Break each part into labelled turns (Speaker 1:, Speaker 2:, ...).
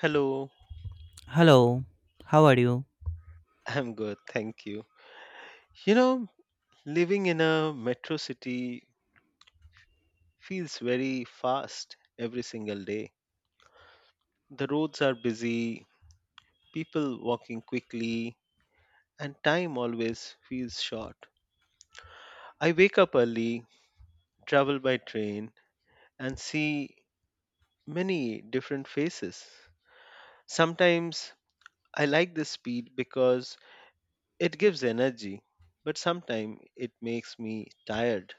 Speaker 1: Hello,
Speaker 2: Hello, how are you?
Speaker 1: I'm good, thank you. You know, living in a metro city feels very fast every single day. The roads are busy, people walking quickly, and time always feels short. I wake up early, travel by train, and see many different faces. Sometimes I like the speed because it gives energy, but sometimes it makes me tired.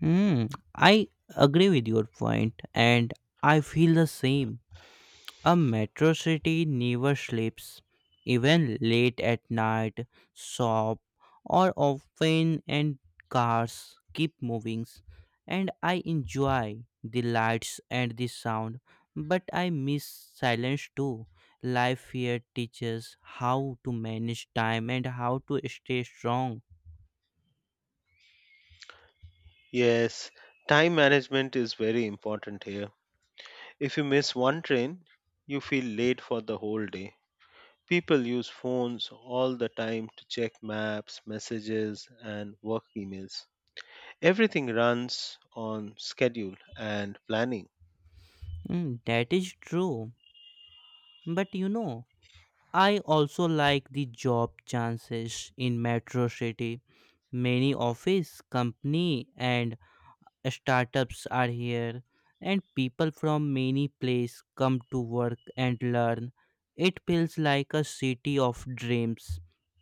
Speaker 2: Hmm, I agree with your point, and I feel the same. A metro city never sleeps, even late at night. Shop or often and cars keep moving, and I enjoy the lights and the sound, but I miss silence too. Life here teaches how to manage time and how to stay strong.
Speaker 1: Yes, time management is very important here. If you miss one train, you feel late for the whole day. People use phones all the time to check maps, messages, and work emails. Everything runs on schedule and planning.
Speaker 2: Hmm, that is true. But you know, I also like the job chances in metro city. Many office, company and startups are here and people from many place come to work and learn. It feels like a city of dreams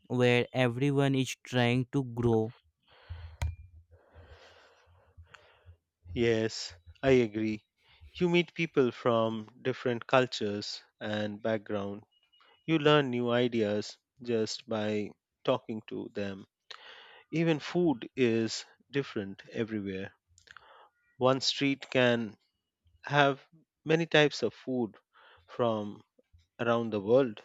Speaker 2: where everyone is trying to grow.
Speaker 1: Yes, I agree. You meet people from different cultures and background. You learn new ideas just by talking to them. Even food is different everywhere. One street can have many types of food from around the world.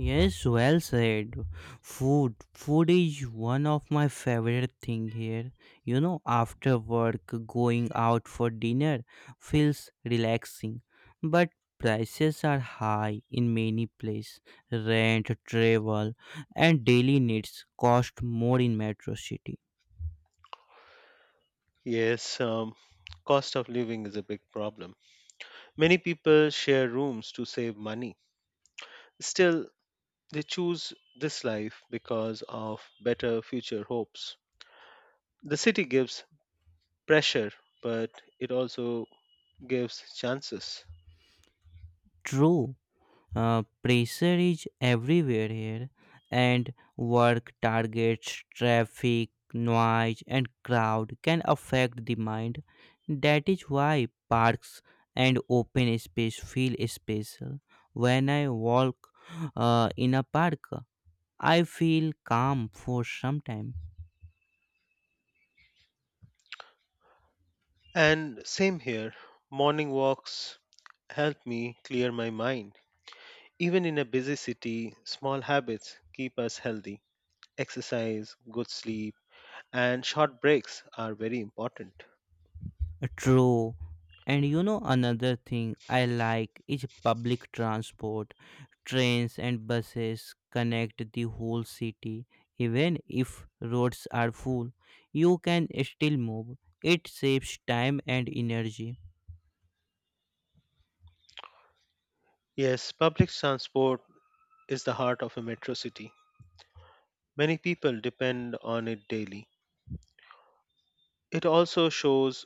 Speaker 2: Yes, well said. Food. Food is one of my favorite thing here. You know, after work, going out for dinner feels relaxing. But prices are high in many places. Rent, travel, and daily needs cost more in metro city.
Speaker 1: Yes, cost of living is a big problem. Many people share rooms to save money. Still, they choose this life because of better future hopes. The city gives pressure, but it also gives chances.
Speaker 2: True. Pressure is everywhere here, and work, targets, traffic, noise, and crowd can affect the mind. That is why parks and open space feel special. When I walk in a park, I feel calm for some time.
Speaker 1: And same here, morning walks help me clear my mind. Even in a busy city, small habits keep us healthy. Exercise, good sleep, and short breaks are very important.
Speaker 2: True. And you know, another thing I like is public transport. Trains and buses connect the whole city. Even if roads are full, you can still move. It saves time and energy.
Speaker 1: Yes, public transport is the heart of a metro city. Many people depend on it daily. It also shows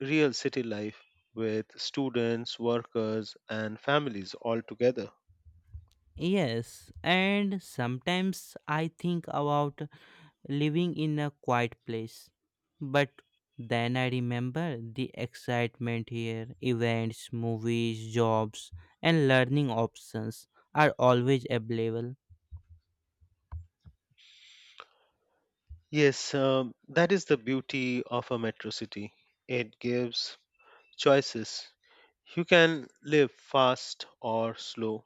Speaker 1: real city life with students, workers, and families all together.
Speaker 2: Yes, and sometimes I think about living in a quiet place. But then I remember the excitement here events, movies, jobs, and learning options are always available.
Speaker 1: Yes, that is the beauty of a metro city. It gives choices. You can live fast or slow,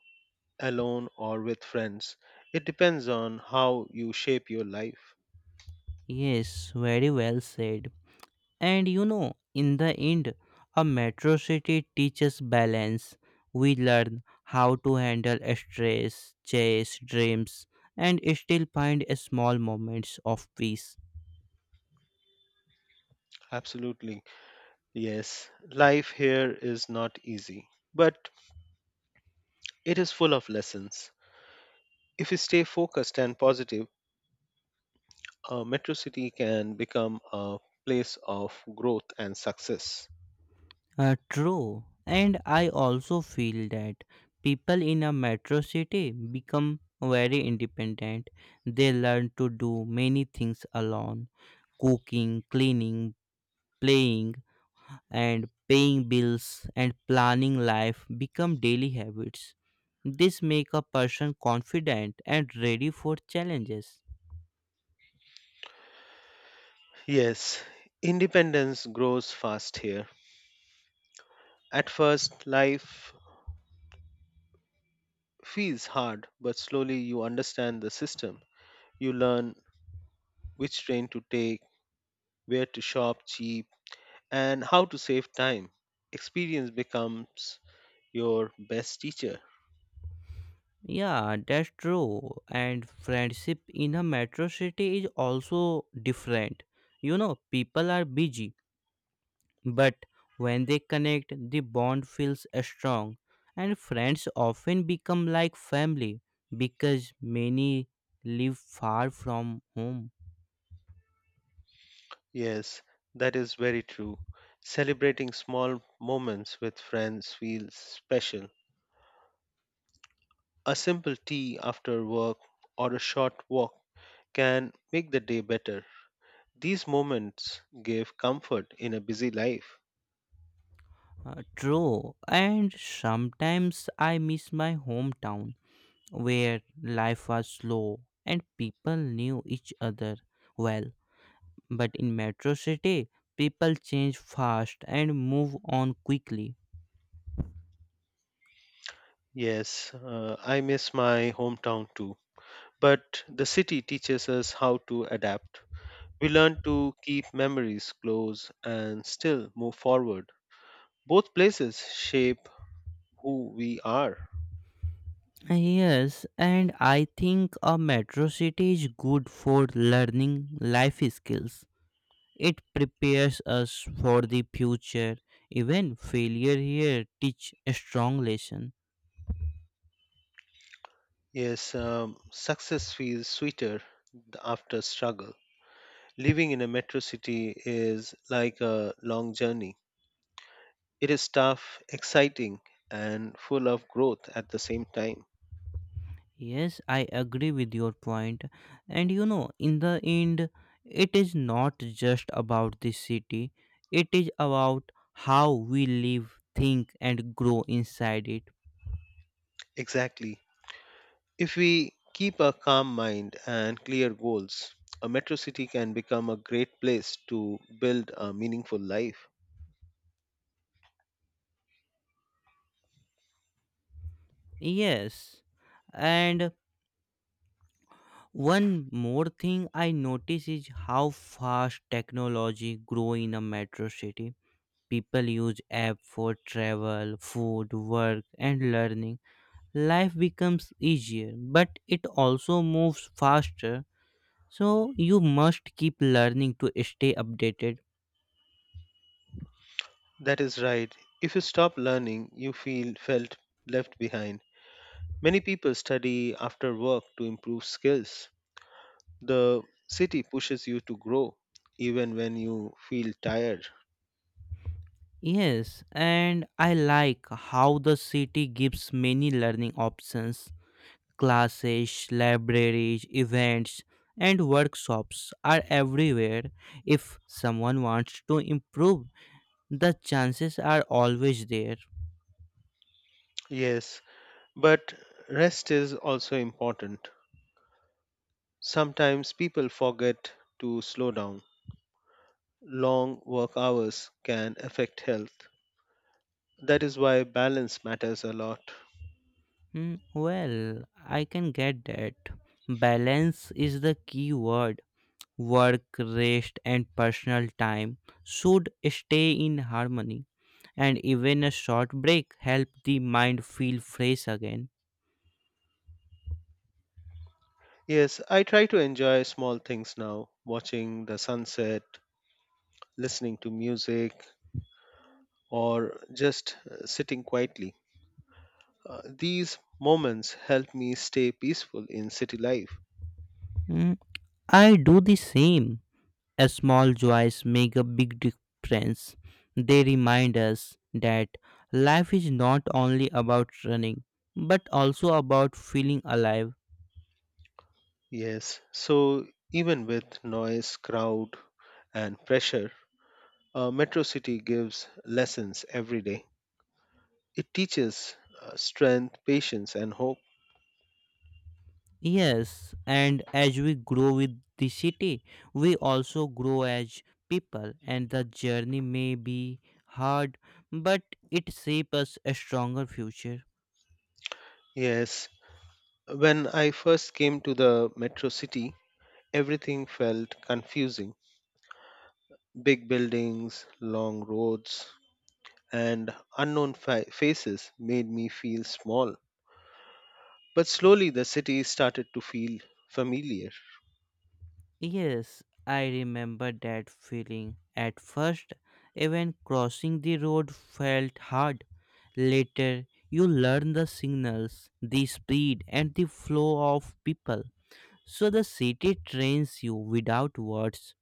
Speaker 1: alone or with friends. It depends on how you shape your life.
Speaker 2: Yes, very well said. And you know, in the end, a metro city teaches balance. We learn how to handle stress, chase dreams, and still find small moments of peace.
Speaker 1: Absolutely. Yes, life here is not easy, but it is full of lessons. If you stay focused and positive, a metro city can become a place of growth and success.
Speaker 2: True. And I also feel that people in a metro city become very independent. They learn to do many things alone cooking, cleaning, playing, and paying bills and planning life become daily habits. This make a person confident and ready for challenges.
Speaker 1: Yes, independence grows fast here. At first, life feels hard, but slowly you understand the system. You learn which train to take, where to shop cheap, and how to save time. Experience becomes your best teacher.
Speaker 2: Yeah, that's true. And friendship in a metro city is also different. You know, people are busy, but when they connect, the bond feels strong. And friends often become like family because many live far from home.
Speaker 1: Yes, that is very true. Celebrating small moments with friends feels special. A simple tea after work or a short walk can make the day better. These moments give comfort in a busy life.
Speaker 2: True. And sometimes I miss my hometown where life was slow and people knew each other well. But in metro city, people change fast and move on quickly.
Speaker 1: Yes, I miss my hometown too, but the city teaches us how to adapt. We learn to keep memories close and still move forward. Both places shape who we are.
Speaker 2: Yes, and I think a metro city is good for learning life skills. It prepares us for the future. Even failure here teach a strong lesson.
Speaker 1: Yes, success feels sweeter after struggle. Living in a metro city is like a long journey. It is tough, exciting, and full of growth at the same time.
Speaker 2: Yes, I agree with your point. And you know, in the end, it is not just about the city, it is about how we live, think, and grow inside it.
Speaker 1: Exactly. If we keep a calm mind and clear goals, a metro city can become a great place to build a meaningful life.
Speaker 2: Yes. And one more thing I notice is how fast technology grow in a metro city. People use app for travel, food, work, and learning. Life becomes easier, but it also moves faster. So you must keep learning to stay updated.
Speaker 1: That is right. If you stop learning, you feel felt left behind. Many people study after work to improve skills. The city pushes you to grow even when you feel tired.
Speaker 2: Yes, and I like how the city gives many learning options. Classes, libraries, events, and workshops are everywhere. If someone wants to improve, the chances are always there.
Speaker 1: Yes, but rest is also important. Sometimes people forget to slow down. Long work hours can affect health. That is why balance matters a lot.
Speaker 2: Hmm, well, I can get that. Balance is the key word. Work, rest, and personal time should stay in harmony, and even a short break help the mind feel fresh again.
Speaker 1: Yes, I try to enjoy small things now, watching the sunset, listening to music, or just sitting quietly. These moments help me stay peaceful in city life.
Speaker 2: Mm, I do the same. A small joys make a big difference. They remind us that life is not only about running, but also about feeling alive.
Speaker 1: Yes, so even with noise, crowd, and pressure, Metro City gives lessons every day. It teaches strength, patience, and hope.
Speaker 2: Yes, and as we grow with the city, we also grow as people, and the journey may be hard, but it shapes us a stronger future.
Speaker 1: Yes, when I first came to the Metro City, everything felt confusing, big buildings, long roads, and unknown faces made me feel small. But slowly the city started to feel familiar.
Speaker 2: Yes, I remember that feeling. At first, even crossing the road felt hard. Later, you learn the signals, the speed, and the flow of people. So the city trains you without words.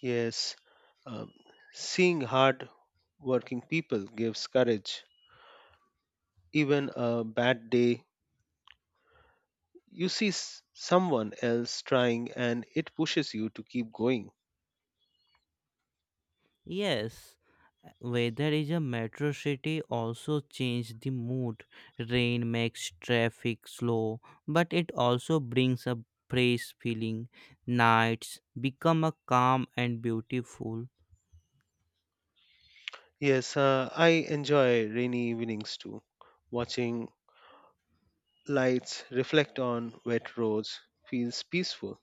Speaker 1: Yes, um, seeing hard working people gives courage. Even a bad day, you see someone else trying and it pushes you to keep going.
Speaker 2: Yes, weather is a metro city also change the mood. Rain makes traffic slow, but it also brings a fresh feeling. Nights become a calm and beautiful.
Speaker 1: Yes, I enjoy rainy evenings too. Watching lights reflect on wet roads feels peaceful.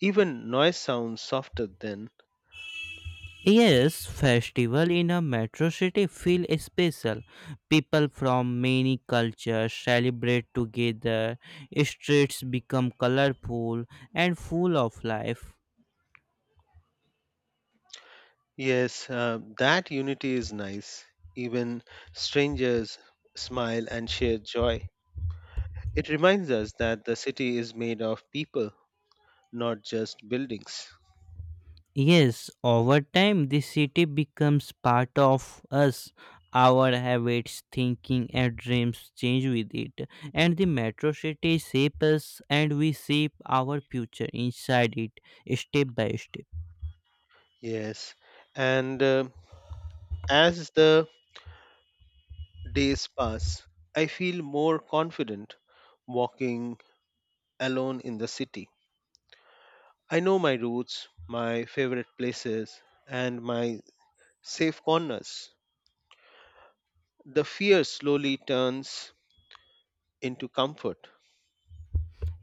Speaker 1: Even noise sounds softer then.
Speaker 2: Yes, festival in a metro city feel special. People from many cultures celebrate together. Streets become colorful and full of life.
Speaker 1: Yes, that unity is nice. Even strangers smile and share joy. It reminds us that the city is made of people, not just buildings.
Speaker 2: Yes, over time, this city becomes part of us. Our habits, thinking, and dreams change with it. And the metro city shapes us, and we shape our future inside it, step by step.
Speaker 1: Yes, and as the days pass, I feel more confident walking alone in the city. I know my routes, my favorite places, and my safe corners. The fear slowly turns into comfort.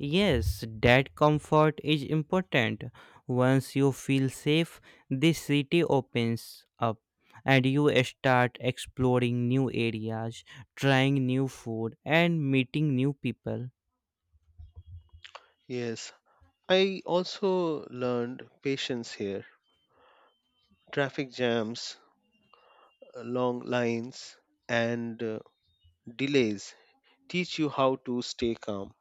Speaker 2: Yes, that comfort is important. Once you feel safe, the city opens up. And you start exploring new areas, trying new food, and meeting new people.
Speaker 1: Yes, I also learned patience here. Traffic jams, long lines, and delays teach you how to stay calm.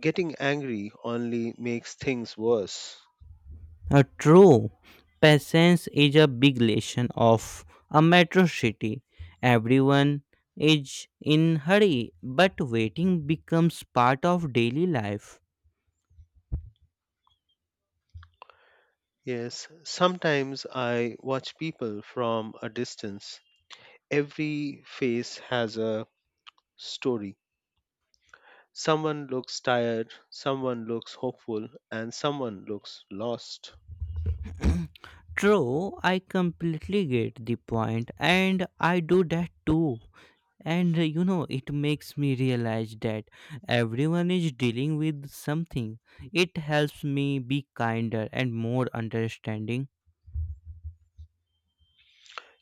Speaker 1: Getting angry only makes things worse.
Speaker 2: True. Patience is a big lesson of a metro city. Everyone is in hurry, but waiting becomes part of daily life.
Speaker 1: Yes, sometimes I watch people from a distance. Every face has a story. Someone looks tired, someone looks hopeful, and someone looks lost.
Speaker 2: True, I completely get the point, and I do that too. And you know, it makes me realize that everyone is dealing with something. It helps me be kinder and more understanding.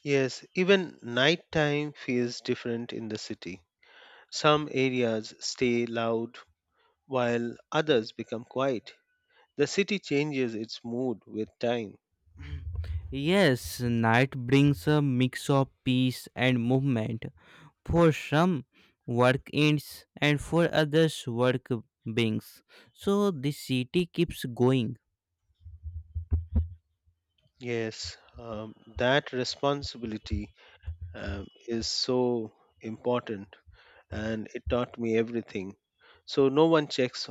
Speaker 1: Yes, even nighttime feels different in the city. Some areas stay loud while others become quiet. The city changes its mood with time.
Speaker 2: Yes, night brings a mix of peace and movement. For some, work ends, and for others, work brings. So the city keeps going.
Speaker 1: Yes, that responsibility is so important and it taught me everything. So, no one checks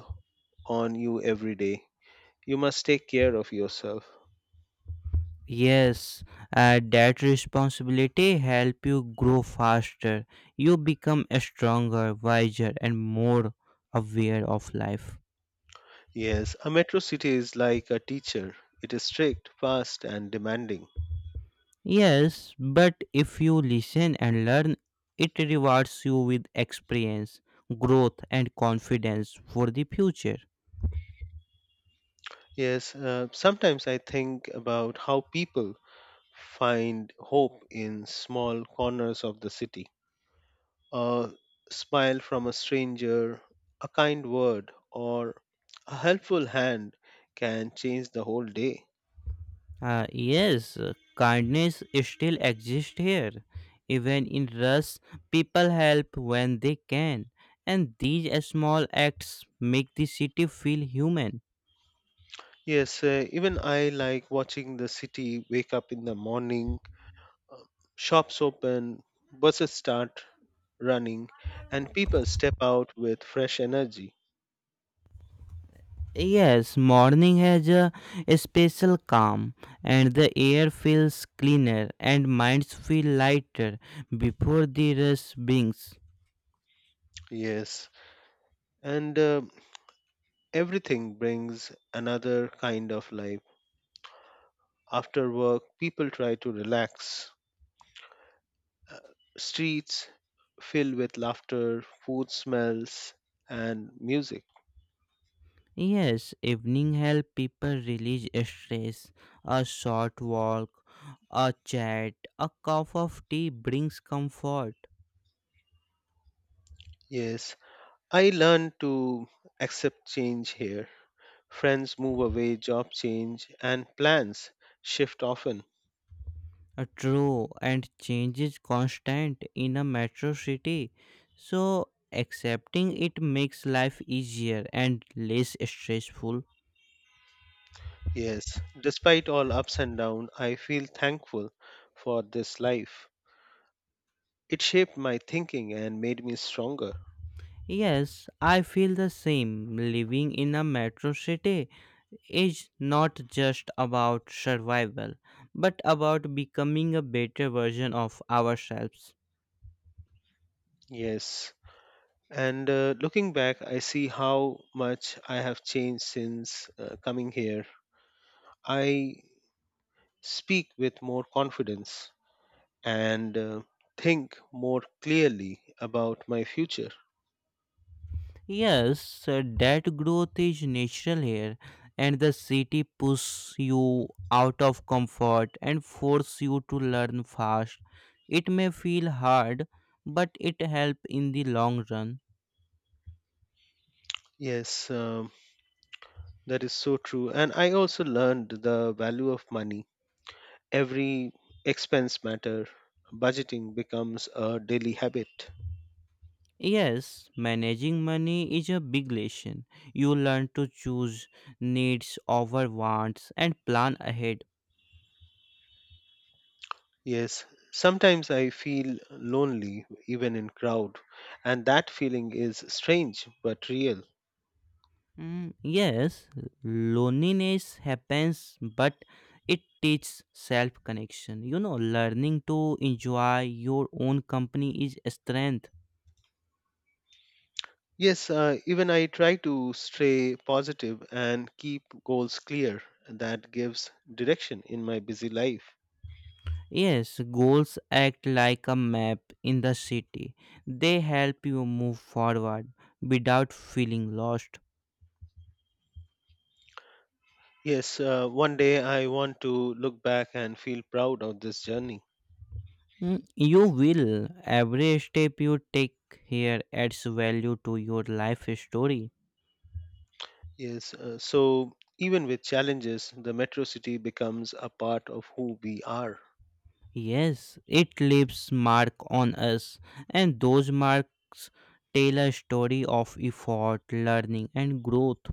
Speaker 1: on you every day. You must take care of yourself.
Speaker 2: Yes, that responsibility help you grow faster. You become stronger, wiser, and more aware of life.
Speaker 1: Yes, a metro city is like a teacher. It is strict, fast, and demanding.
Speaker 2: Yes, but if you listen and learn, it rewards you with experience, growth, and confidence for the future.
Speaker 1: Yes, sometimes I think about how people find hope in small corners of the city. A smile from a stranger, a kind word, or a helpful hand can change the whole day.
Speaker 2: Yes, kindness still exists here. Even in Rus, people help when they can, and these small acts make the city feel human.
Speaker 1: Yes, even I like watching the city wake up in the morning, uh, shops open, buses start running, and people step out with fresh energy.
Speaker 2: Yes, morning has a special calm, and the air feels cleaner, and minds feel lighter before the rush brings.
Speaker 1: Yes, and everything brings another kind of life. After work, people try to relax. Uh, Streets fill with laughter, food smells, and music.
Speaker 2: Yes, evening help people release stress. A short walk, a chat, a cup of tea brings comfort.
Speaker 1: Yes, I learned to accept change here. Friends move away, job change, and plans shift often.
Speaker 2: A true and change is constant in a metro city, so accepting it makes life easier and less stressful.
Speaker 1: Yes, despite all ups and downs, I feel thankful for this life. It shaped my thinking and made me stronger.
Speaker 2: Yes, I feel the same. Living in a metro city is not just about survival, but about becoming a better version of ourselves.
Speaker 1: Yes, and looking back, I see how much I have changed since coming here. I speak with more confidence and think more clearly about my future.
Speaker 2: Yes, that growth is natural here, and the city pushes you out of comfort and forces you to learn fast. It may feel hard, but it helps in the long run.
Speaker 1: Yes, that is so true. And I also learned the value of money. Every expense matter, budgeting becomes a daily habit.
Speaker 2: Yes, managing money is a big lesson. You learn to choose needs over wants and plan ahead.
Speaker 1: Yes, sometimes I feel lonely even in crowd, and that feeling is strange but real.
Speaker 2: Mm, yes, loneliness happens, but it teaches self connection. You know, learning to enjoy your own company is a strength.
Speaker 1: Yes, even I try to stay positive and keep goals clear. That gives direction in my busy life.
Speaker 2: Yes, goals act like a map in the city. They help you move forward without feeling lost.
Speaker 1: Yes, one day I want to look back and feel proud of this journey.
Speaker 2: Mm, you will. Every step you take here adds value to your life story.
Speaker 1: Yes, so even with challenges, the metro city becomes a part of who we are.
Speaker 2: Yes, it leaves mark on us, and those marks tell a story of effort, learning, and growth.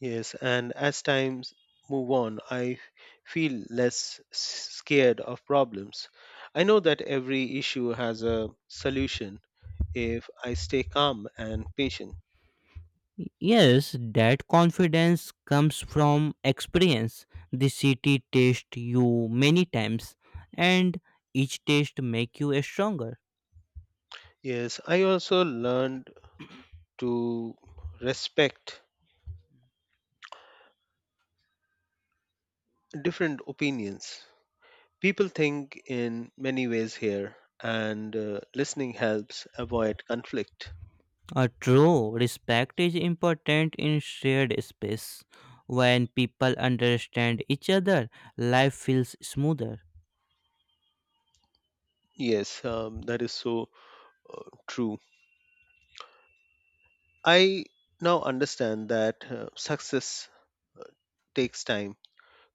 Speaker 1: Yes, and as times move on, I feel less scared of problems. I know that every issue has a solution if I stay calm and patient.
Speaker 2: Yes, that confidence comes from experience. The city tests you many times, and each test make you stronger.
Speaker 1: Yes, I also learned to respect different opinions. People think in many ways here, and listening helps avoid conflict.
Speaker 2: True, respect is important in shared space. When people understand each other, life feels smoother.
Speaker 1: Yes, that is so true. I now understand that success uh, takes time.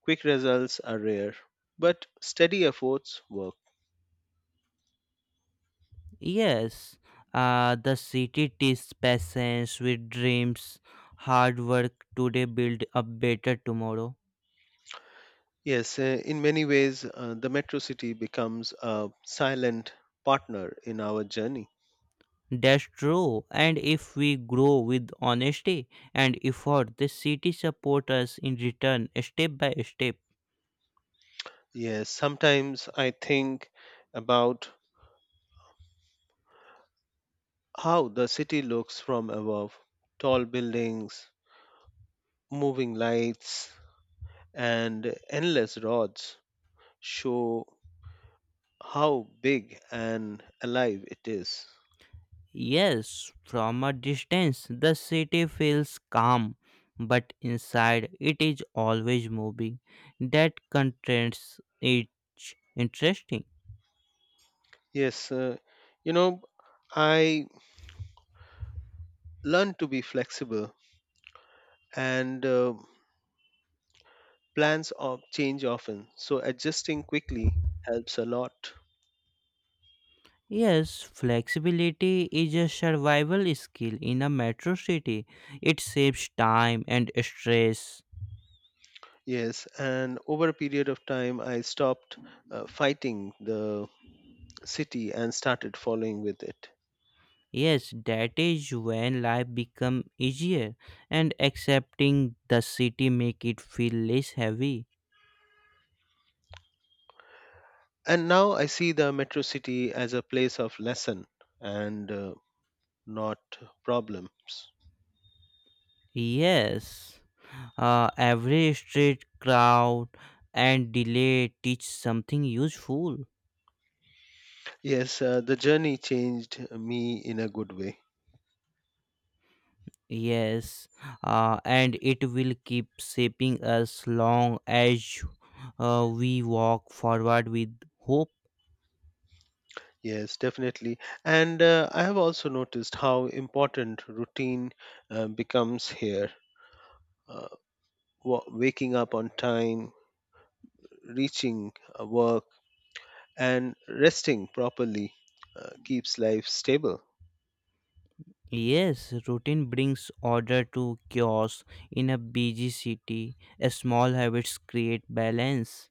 Speaker 1: Quick results are rare, but steady efforts work.
Speaker 2: Yes, the city teaches patience with dreams. Hard work today build a better tomorrow.
Speaker 1: Yes, in many ways, the metro city becomes a silent partner in our journey.
Speaker 2: That's true. And if we grow with honesty and effort, the city supports us in return step by step.
Speaker 1: Yes, sometimes I think about how the city looks from above, tall buildings, moving lights, and endless roads show how big and alive it is.
Speaker 2: Yes, from a distance, the city feels calm, but inside it is always moving. That contrasts it interesting.
Speaker 1: Yes, you know, I learned to be flexible and plans of change often, so adjusting quickly helps a lot.
Speaker 2: Yes, flexibility is a survival skill in a metro city. It saves time and stress.
Speaker 1: Yes, and over a period of time, I stopped fighting the city and started following with it.
Speaker 2: Yes, that is when life become easier and accepting the city make it feel less heavy.
Speaker 1: And now I see the metro city as a place of lesson and not problems.
Speaker 2: Yes. Every street crowd and delay teach something useful.
Speaker 1: Yes, the journey changed me in a good way.
Speaker 2: Yes, and it will keep shaping us long as we walk forward with hope.
Speaker 1: Yes, definitely. And I have also noticed how important routine becomes here. Uh, Waking up on time, reaching work, and resting properly keeps life stable.
Speaker 2: Yes, routine brings order to chaos in a busy city. Small habits create balance.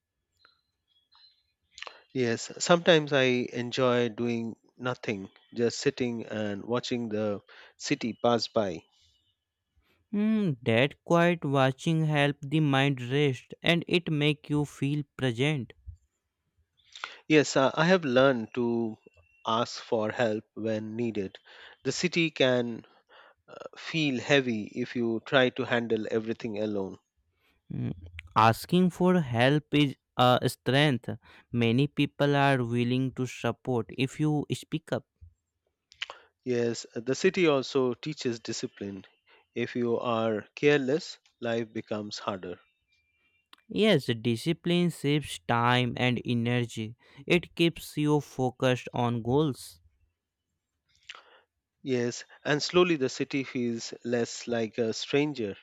Speaker 1: Yes, sometimes I enjoy doing nothing, just sitting and watching the city pass by.
Speaker 2: Hmm, that quiet watching help the mind rest and it make you feel present.
Speaker 1: Yes, I have learned to ask for help when needed. The city can feel heavy if you try to handle everything alone.
Speaker 2: Mm, asking for help is a strength. Many people are willing to support if you speak up.
Speaker 1: Yes, the city also teaches discipline. If you are careless, life becomes harder.
Speaker 2: Yes, discipline saves time and energy. It keeps you focused on goals
Speaker 1: Yes, and slowly the city feels less like a stranger.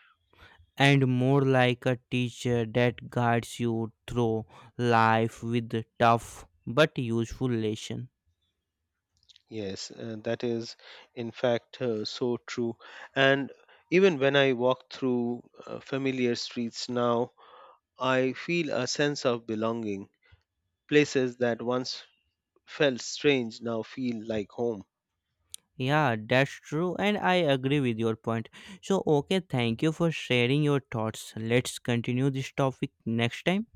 Speaker 2: and more like a teacher that guides you through life with tough but useful lesson.
Speaker 1: Yes, that is in fact so true. And even when I walk through familiar streets now, I feel a sense of belonging. Places that once felt strange now feel like home.
Speaker 2: Yeah, that's true, and I agree with your point. So, okay, thank you for sharing your thoughts. Let's continue this topic next time.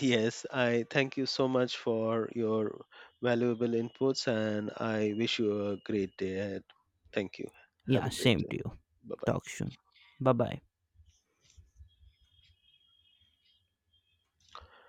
Speaker 1: Yes, I thank you so much for your valuable inputs and I wish you a great day ahead. Thank you. Have
Speaker 2: Yeah,
Speaker 1: a great
Speaker 2: same
Speaker 1: day.
Speaker 2: to you.
Speaker 1: Bye bye.
Speaker 2: Talk soon. Bye bye.